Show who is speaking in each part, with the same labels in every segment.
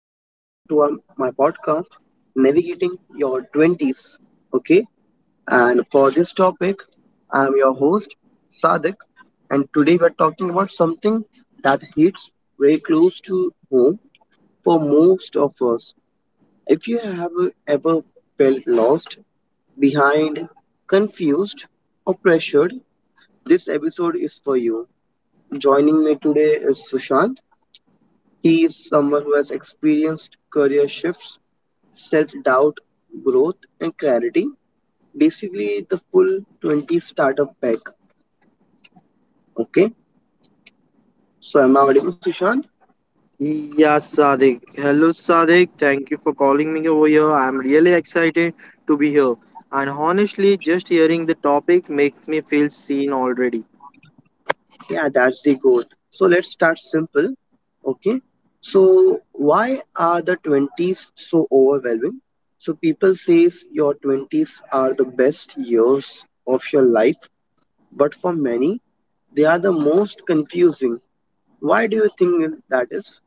Speaker 1: podcast, Navigating Your 20s. Okay, and for this topic, I'm your host, Sadik, and today we're talking about something that hits very close to home for most of us. If you have ever felt lost, behind, confused, or pressured, this episode is for you. Joining me today is Sushant. He is someone who has experienced career shifts, self doubt, growth, and clarity. Basically, the full 20 startup pack. Okay, so am I audible, Sushant?
Speaker 2: Yeah, Sadiq. Hello, Sadiq. Thank you for calling me over here. I'm really excited to be here. And honestly, just hearing the topic makes me feel seen already.
Speaker 1: Yeah, that's the goal. So let's start simple. Okay, so why are the 20s so overwhelming? So people says your 20s are the best years of your life, but for many, they are the most confusing. Why do you think that is?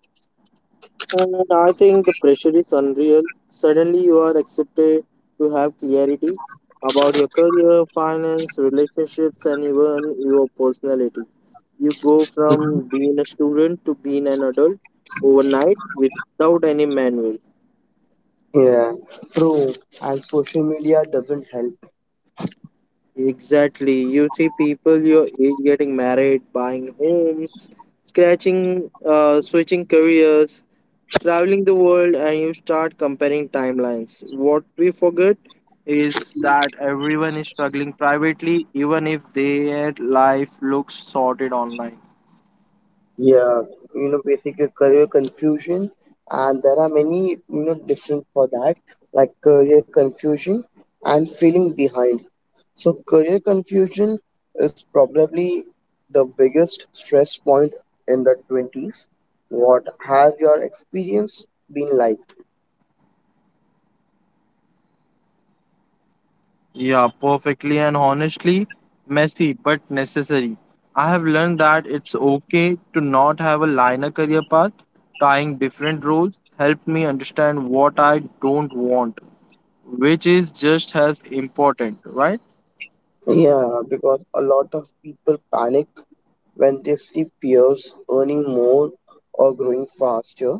Speaker 2: And I think the pressure is unreal. Suddenly, you are accepted to have clarity about your career, finance, relationships, and even your personality. You go from being a student to being an adult overnight without any manual.
Speaker 1: Yeah, true. And social media doesn't help.
Speaker 2: Exactly. You see people your age getting married, buying homes, switching careers, traveling the world, and you start comparing timelines. What we forget is that everyone is struggling privately, even if their life looks sorted online.
Speaker 1: Yeah, basic is career confusion, and there are many difference for that, like career confusion and feeling behind. So career confusion is probably the biggest stress point in the 20s. What have your experience been like?
Speaker 2: Yeah, perfectly and honestly, messy but necessary. I have learned that it's okay to not have a linear career path. Trying different roles helped me understand what I don't want, which is just as important, right?
Speaker 1: Yeah, because a lot of people panic when they see peers earning more or growing faster.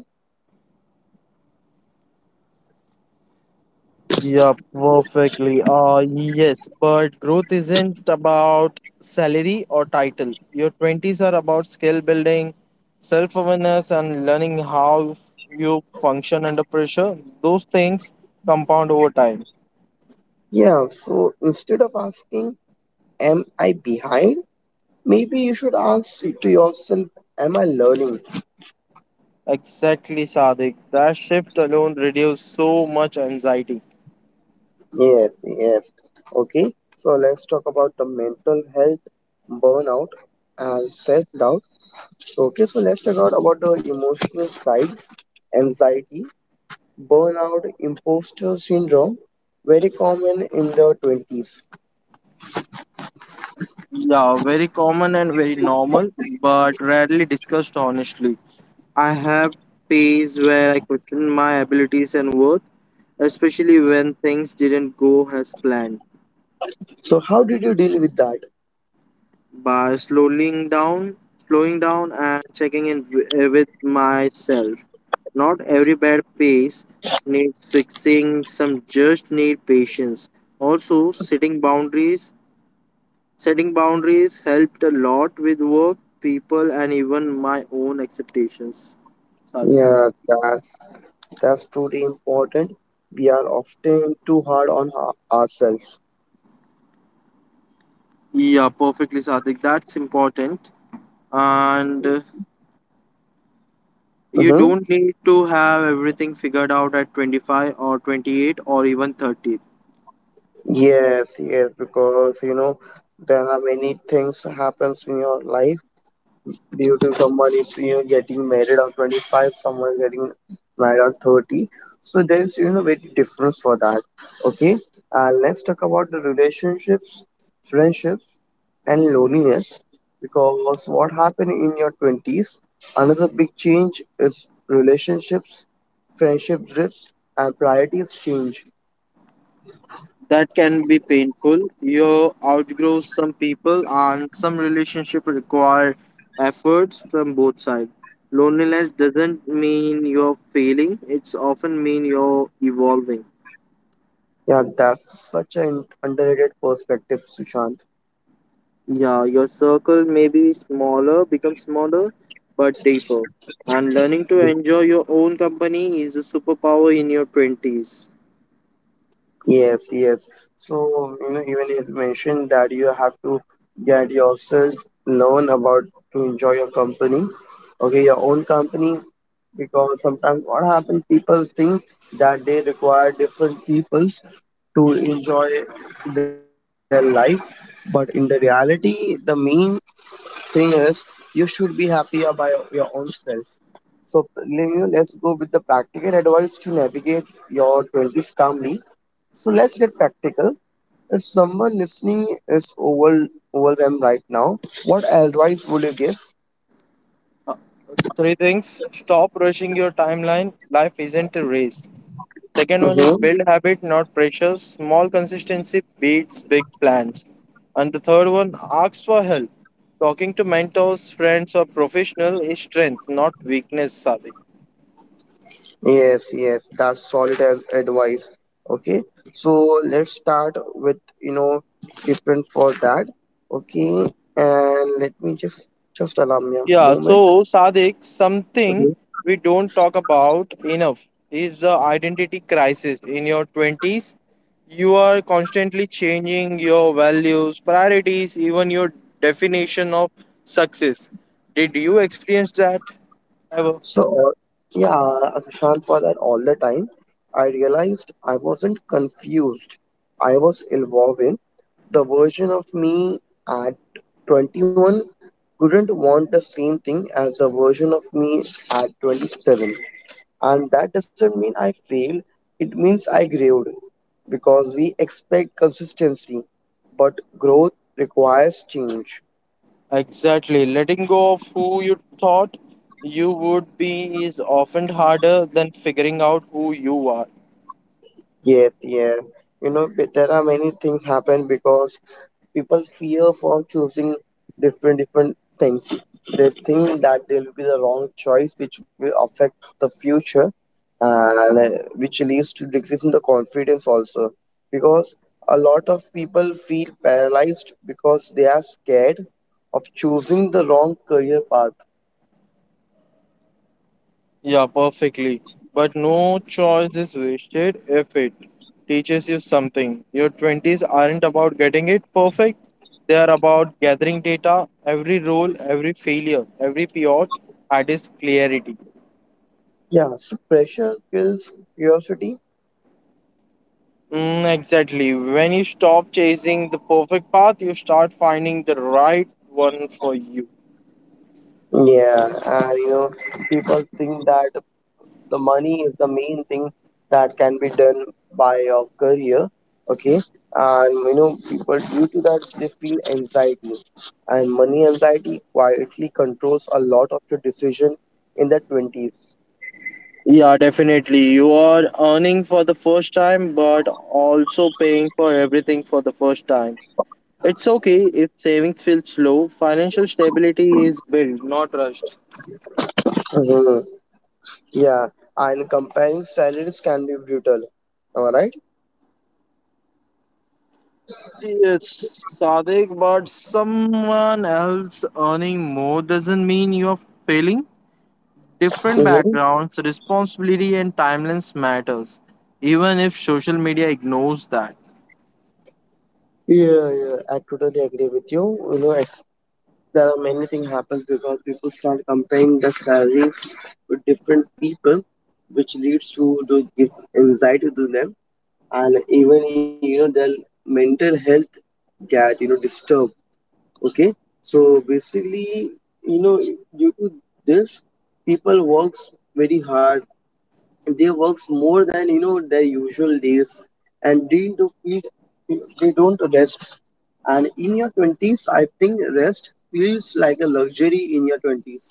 Speaker 2: Yeah, perfectly. Yes, but growth isn't about salary or title. Your 20s are about skill building, self awareness, and learning how you function under pressure. Those things compound over time.
Speaker 1: Yeah, so instead of asking, am I behind? Maybe you should ask to yourself, am I learning?
Speaker 2: Exactly, Sadik. That shift alone reduces so much anxiety.
Speaker 1: Yes, yes. Okay, so let's talk about the mental health burnout and self doubt. Okay, so let's talk out about the emotional side anxiety, burnout, imposter syndrome, very common in the 20s.
Speaker 2: Yeah, very common and very normal, but rarely discussed honestly. I have phase where I question my abilities and worth especially when things didn't go as planned.
Speaker 1: So, how did you deal with that?
Speaker 2: By slowing down and checking in with myself. Not every bad pace needs fixing, some just need patience. Also, setting boundaries. Setting boundaries helped a lot with work, people, and even my own expectations. Sadik.
Speaker 1: Yeah, that's truly important. We are often too hard on ourselves.
Speaker 2: Yeah, perfectly, Sadik. That's important. And you
Speaker 1: Mm-hmm.
Speaker 2: don't need to have everything figured out at 25 or 28 or even 30.
Speaker 1: Yes, yes, because there are many things happens in your life due to someone is getting married on 25, someone getting married on 30, so there is very difference for that. Okay, let's talk about the relationships, friendships and loneliness, because what happened in your 20s, another big change is relationships, friendship drifts and priorities change.
Speaker 2: That can be painful. You outgrow some people and some relationships require efforts from both sides. Loneliness doesn't mean you're failing, it's often mean you're evolving.
Speaker 1: Yeah, that's such an underrated perspective, Sushant.
Speaker 2: Yeah, your circle may be smaller, become smaller, but deeper. And learning to enjoy your own company is a superpower in your 20s.
Speaker 1: Yes, yes. So, even it's mentioned that you have to get yourself learn about to enjoy your company, okay, your own company, because sometimes what happens, people think that they require different people to enjoy their life, but in the reality, the main thing is you should be happy about your own self. So, Leo, let's go with the practical advice to navigate your 20s calmly. So let's get practical. If someone listening is overwhelmed right now, what advice would you give?
Speaker 2: Three things stop rushing your timeline. Life isn't a race. Second one is
Speaker 1: Mm-hmm.
Speaker 2: build habit, not pressure. Small consistency beats big plans. And the third one, ask for help. Talking to mentors, friends, or professional is strength, not weakness, Sadiq.
Speaker 1: Yes, yes, that's solid advice. Okay, so let's start with you know different for that. Okay, and let me just allow me a
Speaker 2: Yeah,
Speaker 1: moment.
Speaker 2: so Sadik, something we don't talk about enough is the identity crisis in your 20s. You are constantly changing your values, priorities, even your definition of success. Did you experience that ever?
Speaker 1: So, yeah, Akshant, for that all the time, I realized I wasn't confused. I was evolving. The version of me at 21 couldn't want the same thing as the version of me at 27. And that doesn't mean I failed, it means I grew because we expect consistency, but growth requires change.
Speaker 2: Exactly. Letting go of who you thought you would be is often harder than figuring out who you are.
Speaker 1: Yes, yes. You know, there are many things happen because people fear for choosing different things. They think that they will be the wrong choice which will affect the future, and which leads to decrease in the confidence also, because a lot of people feel paralyzed because they are scared of choosing the wrong career path.
Speaker 2: Yeah, perfectly. But no choice is wasted if it teaches you something. Your 20s aren't about getting it perfect, they are about gathering data, every role, every failure, every pivot at its clarity.
Speaker 1: Yeah, so pressure kills curiosity.
Speaker 2: Mm, exactly. When you stop chasing the perfect path, you start finding the right one for you.
Speaker 1: Yeah, and you know people think that the money is the main thing that can be done by your career. Okay, and you know people due to that they feel anxiety, and money anxiety quietly controls a lot of your decision in the 20s.
Speaker 2: Yeah, definitely. You are earning for the first time, but also paying for everything for the first time. It's okay if savings feel slow. Financial stability is built, not rushed.
Speaker 1: Mhm. Yeah, and comparing salaries can be brutal, am I right?
Speaker 2: Yes, Sadik, but someone else earning more doesn't mean you're failing. Different
Speaker 1: Hmm.
Speaker 2: backgrounds, responsibility, and timelines matters, even if social media ignores that.
Speaker 1: Yeah, yeah, I totally agree with you. You know at there are many things happens because people start comparing the salaries with different people, which leads to give anxiety to them, and even you know their mental health get you know disturbed. Okay, so basically, you know, due to this, people works very hard, they works more than you know their usual days, and they don't rest, and in your 20s I think rest feels like a luxury in your 20s.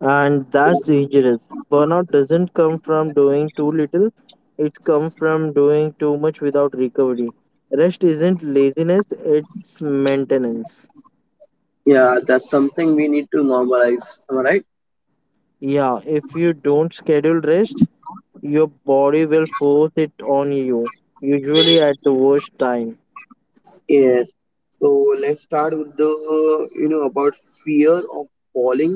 Speaker 2: And that's dangerous. Burnout doesn't come from doing too little, it comes from doing too much without recovery. Rest isn't laziness, it's maintenance.
Speaker 1: Yeah, that's something we need to normalize, am I right?
Speaker 2: Yeah, if you don't schedule rest, your body will force it on you, usually at the worst time.
Speaker 1: Yeah, so let's start with the you know about fear of falling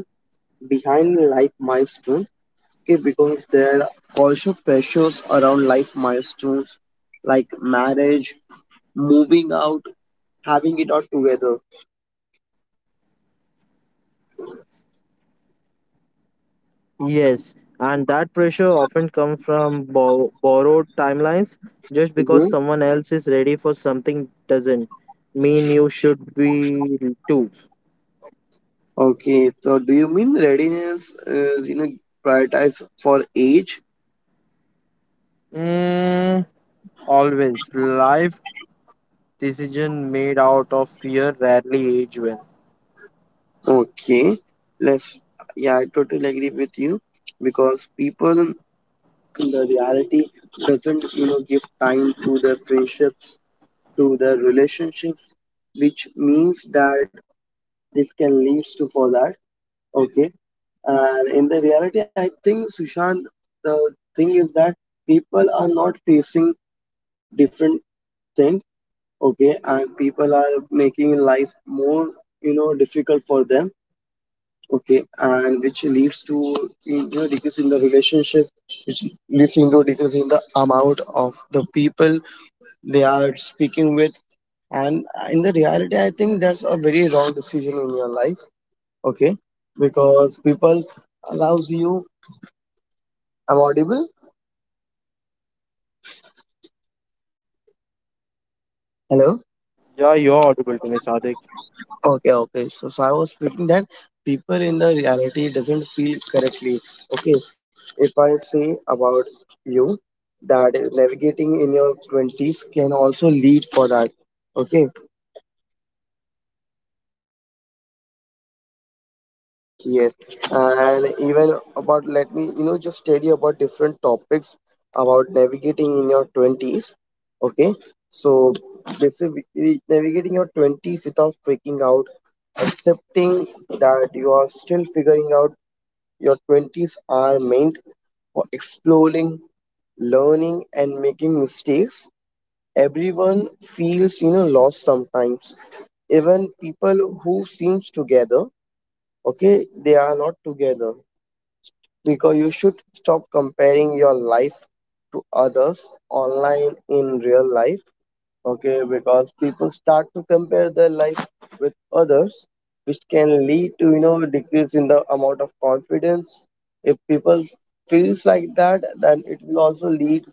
Speaker 1: behind life milestone, okay, because there are also pressures around life milestones like marriage, moving out, having it all together.
Speaker 2: Yes, and that pressure often comes from borrowed timelines. Just because
Speaker 1: Mhm.
Speaker 2: someone else is ready for something doesn't mean you should be too.
Speaker 1: Okay, so do you mean readiness is you know prioritized for age?
Speaker 2: Mm, always. Life decision made out of fear rarely age well.
Speaker 1: Okay, let's yeah, I totally agree with you because people the reality doesn't you know give time to their friendships, to their relationships, which means that it can lead to for that. Okay, and in the reality, I think Sushant, the thing is that people are not facing different things, okay, and people are making life more you know difficult for them, okay, and which leads to you know decrease in the relationship, which leads into decrease in the amount of the people they are speaking with, and in the reality I think that's a very wrong decision in your life, okay, because people allows you. I'm audible? Hello?
Speaker 2: Yeah, you're audible to me, Sadik.
Speaker 1: Okay, okay. So, I was thinking that people in the reality doesn't feel correctly. Okay, if I say about you that navigating in your twenties can also lead for that. Okay, yes, yes, and even about let me you know just tell you about different topics about navigating in your twenties. Okay, so basically navigating your twenties without freaking out, accepting that you are still figuring out. Your 20s are meant for exploring, learning, and making mistakes. Everyone feels, lost sometimes. Even people who seems together, okay, they are not together because you should stop comparing your life to others online in real life, okay, because people start to compare their life with others which can lead to you know decrease in the amount of confidence. If people feels like that then it will also lead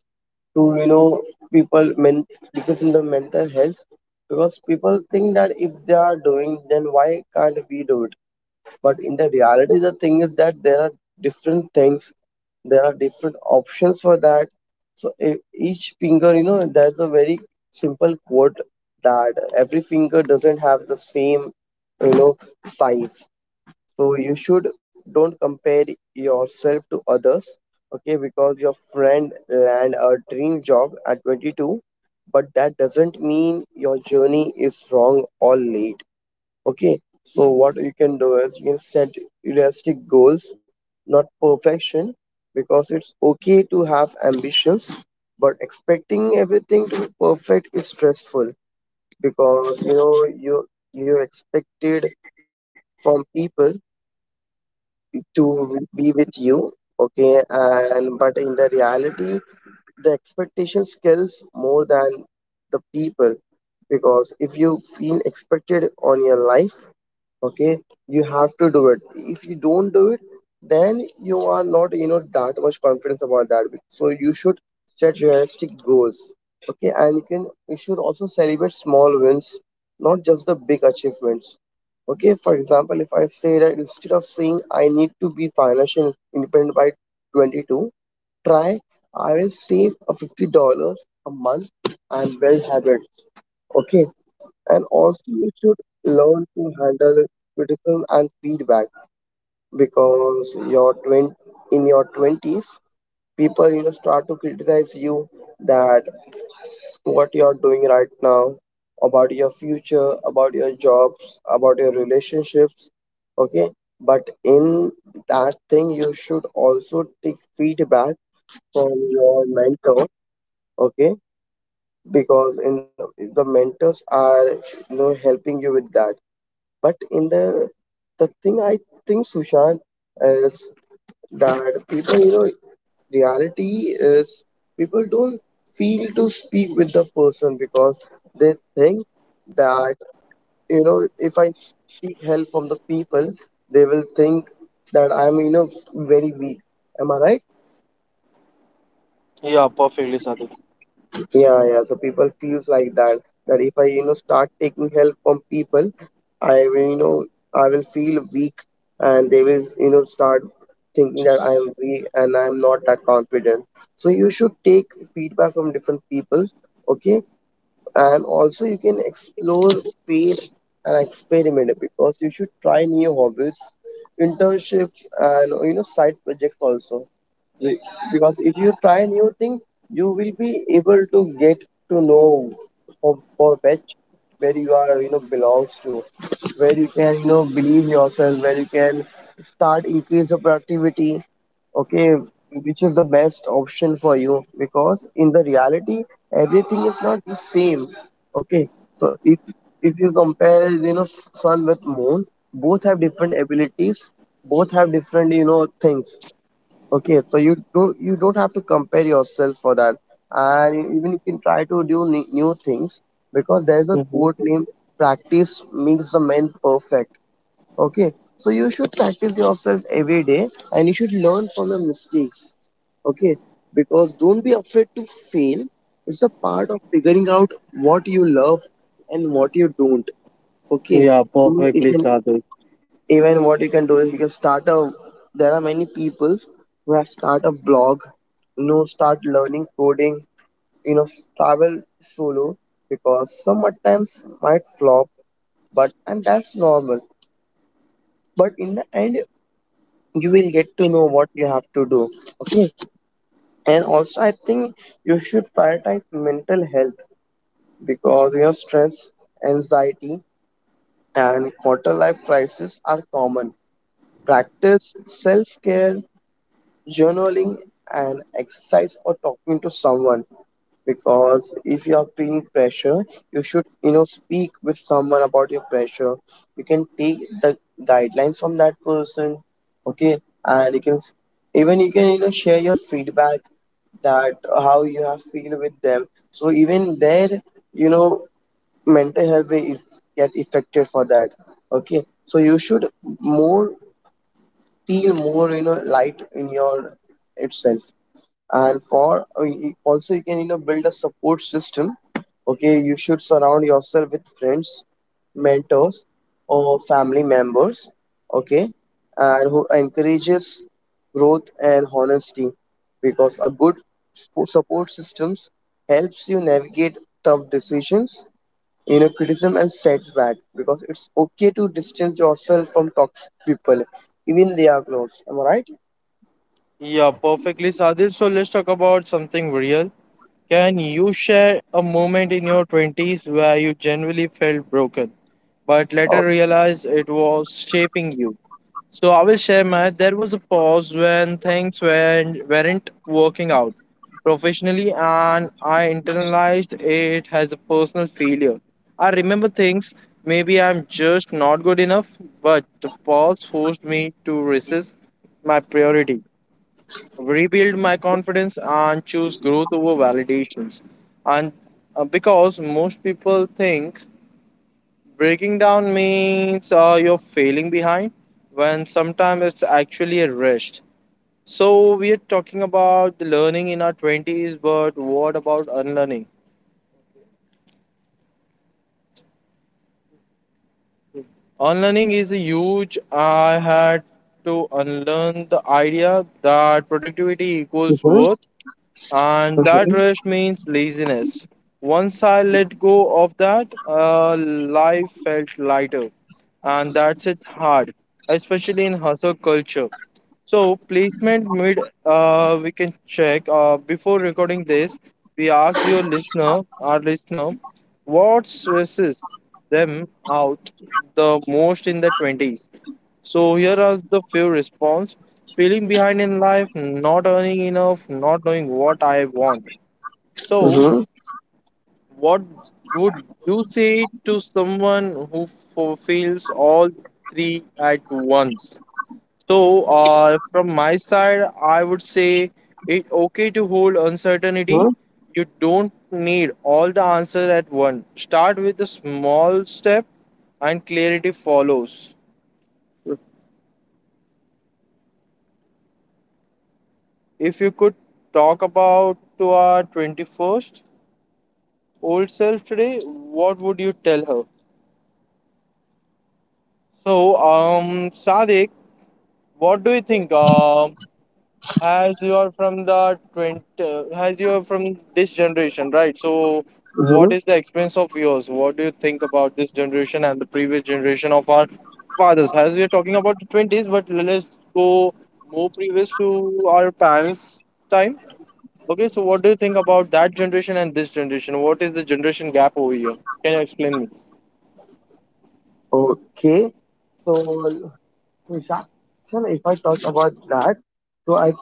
Speaker 1: to you know people men decrease in the mental health because people think that if they are doing then why can't we do, but in the reality, the thing is that there are different things, there are different options for that. So each finger, you know, there's a very simple quote that every finger doesn't have the same, you know, size. So you should don't compare yourself to others, okay? Because your friend land a dream job at 22, but that doesn't mean your journey is wrong or late. Okay, so what you can do is you can set realistic goals, not perfection, because it's okay to have ambitions, but expecting everything to be perfect is stressful because you you expected from people to be with you, okay, and but in the reality the expectation scales more than the people, because if you feel expected on your life, okay, you have to do it. If you don't do it, then you are not you know that much confidence about that. So you should set realistic goals, okay, and you should also celebrate small wins, not just the big achievements. Okay, for example, if I say that instead of saying I need to be financially independent by 22, try, I will save a $50 a month and build habits. Okay, and also you should learn to handle criticism and feedback because in your 20s people you know start to criticize you that what you're doing right now, about your future, about your jobs, about your relationships, okay, but in that thing you should also take feedback from your mentor, okay, because in the mentors are you know helping you with that. But in the thing I think, Sushant, is that people, you know, reality is people don't feel to speak with the person because they think that, you know, if I seek help from the people, they will think that I'm, you know, very weak. Am I right?
Speaker 2: Yeah, perfectly, Sadiq.
Speaker 1: Yeah, yeah. So people feels like that that if I you know start taking help from people, I will you know I will feel weak, and they will you know start thinking that I am weak and I am not that confident. So you should take feedback from different people, okay? And also you can explore, fail, and experiment because you should try new hobbies, internships, and you know side projects also. Be- because if you try new thing, you will be able to get to know for which, where you are, belongs to, where you can believe yourself, where you can start increase the productivity, okay, which is the best option for you, because in the reality everything is not the same. Okay, so if you compare, sun with moon, both have different abilities, both have different things. Okay, so you don't have to compare yourself for that, and even you can try to do new things, because there is a quote named, "Practice makes the man perfect." Okay, so you should practice yourself every day, and you should learn from your mistakes. Okay, because don't be afraid to fail. It's a part of figuring out what you love and what you don't.
Speaker 2: Yeah,
Speaker 1: Okay, you,
Speaker 2: perfectly,
Speaker 1: you can,
Speaker 2: Sadik.
Speaker 1: even what you can do is you can start a, there are many people who have start a blog, start learning coding, you know travel solo, because some at times might flop, but and that's normal, but in the end you will get to know what you have to do, okay. And also I think you should prioritize mental health, because stress, anxiety, and quarter life crisis are common. Practice self care, journaling, and exercise, or talking to someone, because if you are feeling pressure, you should speak with someone about your pressure. You can take the guidelines from that person, okay. And even you can share your feedback, that how you have feel with them, so even there, you know mental health will if, get affected for that, okay. So you should more, feel more light in your itself. And for also you can build a support system. Okay, you should surround yourself with friends, mentors, or family members, okay, and who encourages growth and honesty, because a good support systems helps you navigate tough decisions, criticism and setback, because it's okay to distance yourself from toxic people, even they are close, am I right?
Speaker 2: Yeah, perfectly, Sadil. So let's talk about something real. Can you share a moment in your 20s where you genuinely felt broken, but
Speaker 1: Oh.
Speaker 2: later realized it was shaping you? So I will share my. There was a pause when things weren't working out professionally, and I internalized it as a personal failure. I remember things, maybe I'm just not good enough, but the pause forced me to resist my priority, rebuild my confidence, and choose growth over validations. And because most people think breaking down means you're failing behind when sometimes it's actually a rest. So we are talking about the learning in our 20s, but what about unlearning? Unlearning is a huge. I had to unlearn the idea that productivity equals
Speaker 1: Mhm.
Speaker 2: worth and that
Speaker 1: Mhm.
Speaker 2: rest means laziness. Once I let go of that, life felt lighter and that's it hard, especially in hustle culture. So placement mid, we can check before recording this. We asked your listener, our listener, what stresses them out the most in the 20s. So here are the few response: feeling behind in life, not earning enough, not knowing what I want. So
Speaker 1: Mm-hmm.
Speaker 2: what would you say to someone who feels all three at once? So, from my side, I would say it's okay to hold
Speaker 1: Mhm.
Speaker 2: uncertainty. You don't need all the answers at once. Start with a small step, and clarity follows. If you could talk about to our 21st old self today, what would you tell her? So, Sadik, what do you think? As you are from this generation, right? So
Speaker 1: Mhm.
Speaker 2: what is the experience of yours? What do you think about this generation and the previous generation of our fathers? As we are talking about the 20s, but let's go more previous to our parents time. Okay, so what do you think about that generation and this generation? What is the generation gap over here? Can you explain me?
Speaker 1: Okay, so Vishal, if I talk about that, so I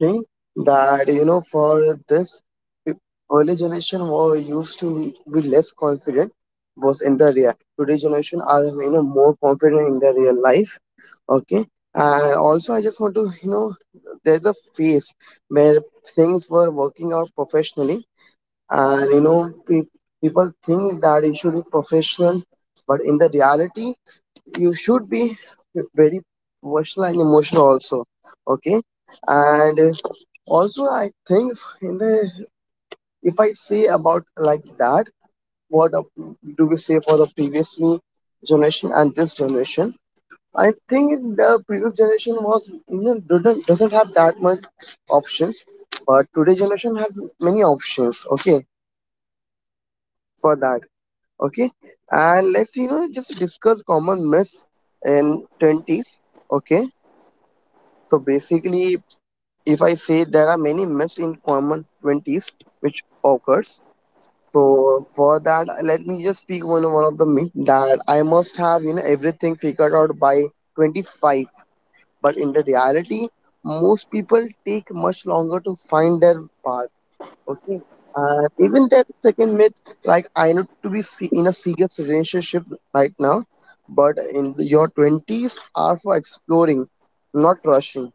Speaker 1: think that for this pe- early generation were used to be less confident, was in the real. Today generation are more confident in their real life. Okay, and also I just want to there's a phase where things were working out professionally, and people think that it should be professional, but in the reality you should be very versatile and emotional also, okay. And also I think in the, if I say about like that, what do we say for the previous generation and this generation? I think the previous generation was doesn't have that much options, but today generation has many options, okay, for that, okay. And let's just discuss common myths in 20s, okay. So basically, if I say there are many myths in common 20s which occurs. So for that, let me just speak one of the myth, that I must have everything figured out by 25. But in the reality, most people take much longer to find their path. Okay. And even that second myth, like I need to be in a serious relationship right now, but in your 20s are for exploring, not rushing.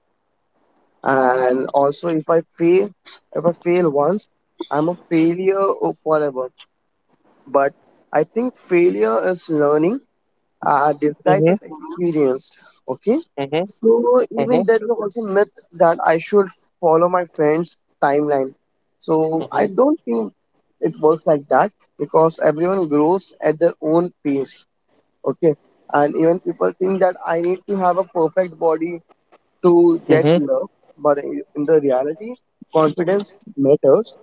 Speaker 1: And also, if I fail once, I'm a failure forever. But I think failure is learning.
Speaker 2: Mm-hmm,
Speaker 1: Disguised as experienced. Okay.
Speaker 2: mm-hmm,
Speaker 1: So even there is also myth that I should follow my friend's timeline.
Speaker 2: mm-hmm,
Speaker 1: So I don't think it works like that, because everyone grows at their own pace. Okay. And even people think that I need to have a perfect body to
Speaker 2: mm-hmm.
Speaker 1: get love, but in the reality, confidence matters.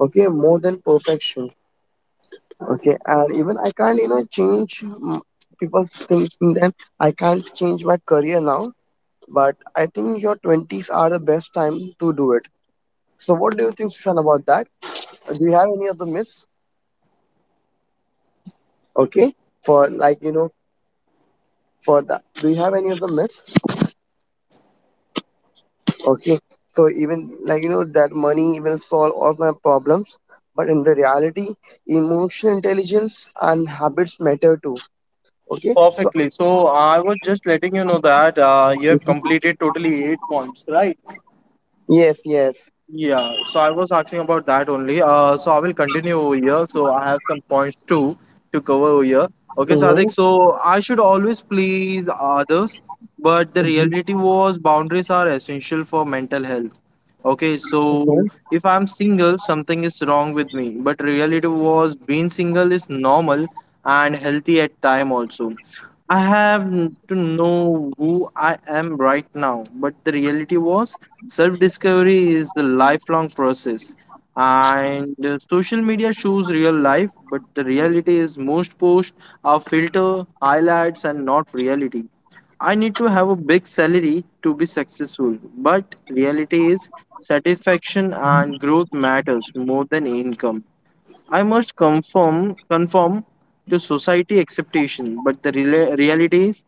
Speaker 1: Okay, more than perfection. Okay. And even I can't, change people's things. And then I can't change my career now, but I think your twenties are the best time to do it. So, what do you think, Sushan, about that? Do you have any other myths? Okay, for like for that, do you have any other myths? Okay. So even like that money will solve all my problems, but in the reality emotional intelligence and habits matter too, okay. So
Speaker 2: Perfectly. So I was just letting you know that you have completed totally 8 points, right?
Speaker 1: yes, yes.
Speaker 2: Yeah. So I was asking about that only. So I will continue over here. So I have some points too to cover over here. Okay,
Speaker 1: Mm-hmm.
Speaker 2: Sadik. So I should always please others, but the
Speaker 1: Mm-hmm.
Speaker 2: reality was boundaries are essential for mental health. Okay, so if I'm single, something is wrong with me. But reality was being single is normal and healthy at time also. I have to know who I am right now. But the reality was, self discovery is a lifelong process. And social media shows real life, but the reality is most posts are filter, highlights, and not reality. I need to have a big salary to be successful, but reality is satisfaction and growth matters more than income. I must conform to society expectation, but the reality is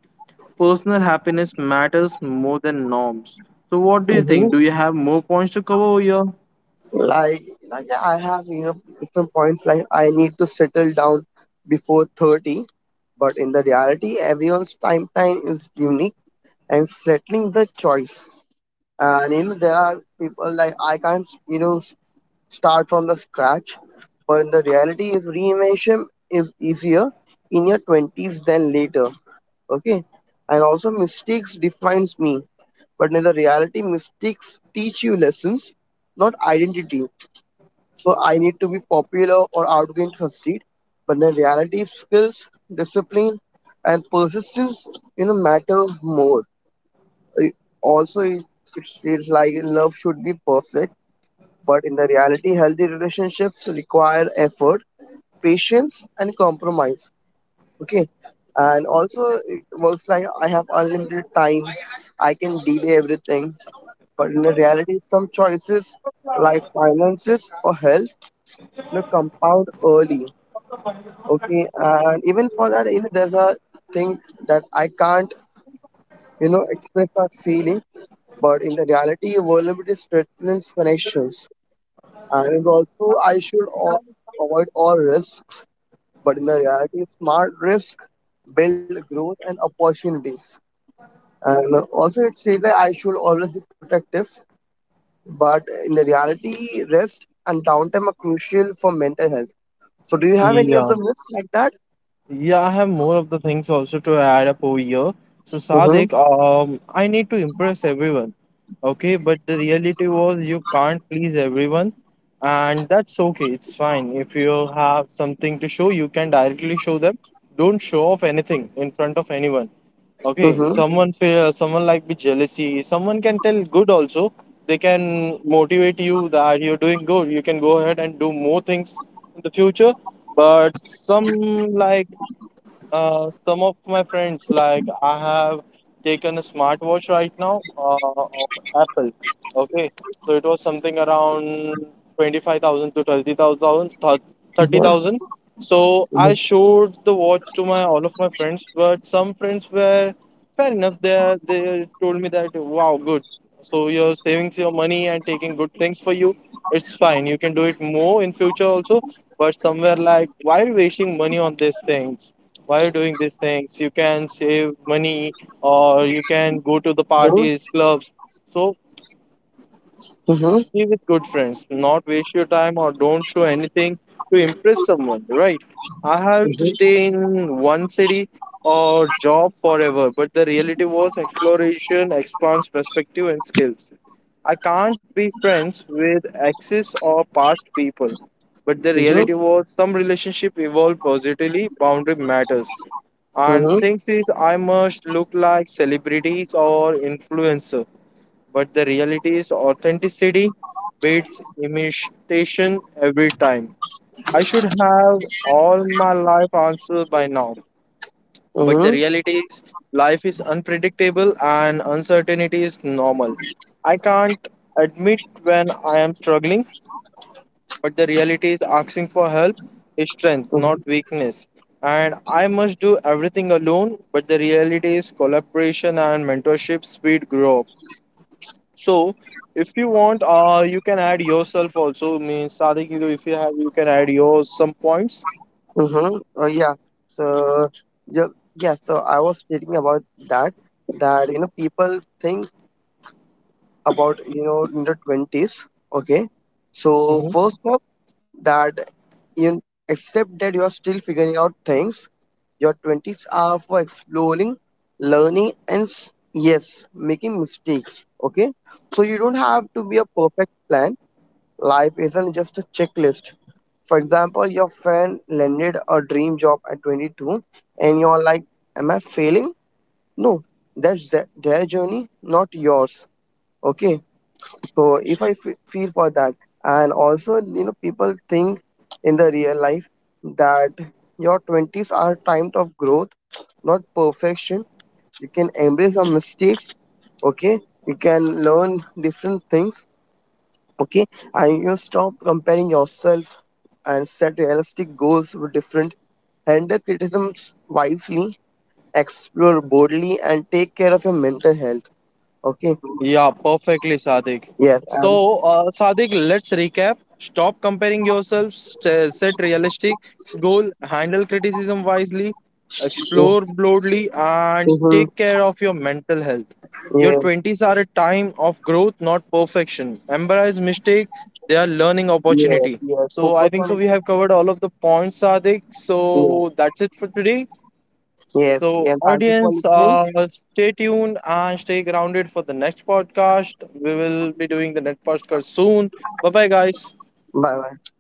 Speaker 2: personal happiness matters more than norms. So what do you think? Do you have more points to cover over here?
Speaker 1: like, like, yeah, I have different points, like I need to settle down before 30, but in the reality everyone's time is unique, and settling is a choice. And there are people like I can't, start from the scratch. But the reality is reimagine is easier in your 20s than later. Okay. And also mistakes defines me. But in the reality, mistakes teach you lessons, not identity. So I need to be popular or outgoing to succeed. But in the reality, skills, discipline, and persistence, matter more. Uh, Also, it's like love should be perfect, but in the reality, healthy relationships require effort, patience, and compromise. Okay. And also, it works like I have unlimited time. I can delay everything. But in the reality, some choices like finances or health, compound early. Okay. And even for that, there's a thing that I can't, express my feeling. But in the reality, vulnerability strengthens connections. And also avoid all risks. But in the reality, smart risk build growth and opportunities. And also, it says that I should always be protective. But in the reality, rest and downtime are crucial for mental health. So, do you have any of
Speaker 2: Yeah,
Speaker 1: the myths like that?
Speaker 2: Yeah, I have more of the things also to add up over here. So,
Speaker 1: Mm-hmm.
Speaker 2: Sadik, I need to impress everyone. Okay, but the reality was you can't please everyone, and that's okay. It's fine. If you have something to show, you can directly show them. Don't show off anything in front of anyone. Okay,
Speaker 1: Mm-hmm.
Speaker 2: someone like be jealousy. Someone can tell good also. They can motivate you that you're doing good. You can go ahead and do more things in the future but some like some of my friends, like I have taken a smartwatch right now of Apple. Okay, so it was something around 25,000 to 30,000. So
Speaker 1: Mm-hmm.
Speaker 2: I showed the watch to my all of my friends, but some friends were fair enough. They told me that wow, good. So you're saving your money and taking good things for you. It's fine. You can do it more in future also. But somewhere like why are you wasting money on these things? While doing these things you can save money or you can go to the parties clubs. So
Speaker 1: Mm-hmm.
Speaker 2: be with good friends, not waste your time or don't show anything to impress someone, right? I have to stay in one city or job forever, but the reality was exploration expands perspective and skills. I can't be friends with exes or past people, but the
Speaker 1: Mm-hmm. Mm-hmm.
Speaker 2: reality was some relationship evolve positively, boundary matters. And
Speaker 1: Mm-hmm.
Speaker 2: things is I must look like celebrities or influencer but the reality is authenticity beats imitation every time. I should have all my life answers by now. But the reality is life is unpredictable and uncertainty is normal. I can't admit when I am struggling, but the reality is asking for help is strength, not
Speaker 1: Mm-hmm.
Speaker 2: weakness. And I must do everything alone, but the reality is collaboration and mentorship speed growth. So if you want, you can add yourself also. Means Sadiq, if you have, you can add your some points.
Speaker 1: Mm-hmm. Oh yeah. So yeah. So I was reading about that, that people think about, in the 20s. Okay. So
Speaker 2: Mm-hmm.
Speaker 1: first up, that you except that you are still figuring out things. Your twenties are for exploring, learning, and yes, making mistakes. Okay. So you don't have to be a perfect plan. Life isn't just a checklist. For example, your friend landed a dream job at 22 and you're like, am I failing? No, their journey, not yours. Okay. So if feel for that, and also, people think in the real life that your 20s are time of growth, not perfection. You can embrace your mistakes, okay, you can learn different things, okay, and you stop comparing yourself and set realistic goals with different. Handle criticisms wisely, explore boldly, and take care of your mental health. Okay.
Speaker 2: Yeah, perfectly, Sadik.
Speaker 1: Yes.
Speaker 2: So,
Speaker 1: And
Speaker 2: Sadik, let's recap. Stop comparing yourself, set realistic goal, handle criticism wisely, explore broadly, and take
Speaker 1: hmm,
Speaker 2: care of your mental health. Your
Speaker 1: yes,
Speaker 2: 20s are a time of growth, not perfection. Embrace mistake, they are learning
Speaker 1: yes,
Speaker 2: opportunity.
Speaker 1: yes.
Speaker 2: So, I
Speaker 1: Focus
Speaker 2: think
Speaker 1: on
Speaker 2: so.
Speaker 1: it.
Speaker 2: We have covered all of the points, Sadik.
Speaker 1: Yes.
Speaker 2: So, that's it for today.
Speaker 1: Yes.
Speaker 2: So,
Speaker 1: And thank you for
Speaker 2: audience,
Speaker 1: listening.
Speaker 2: stay tuned and stay grounded for the next podcast. We will be doing the next podcast soon. Bye bye, guys.
Speaker 1: Bye. Bye.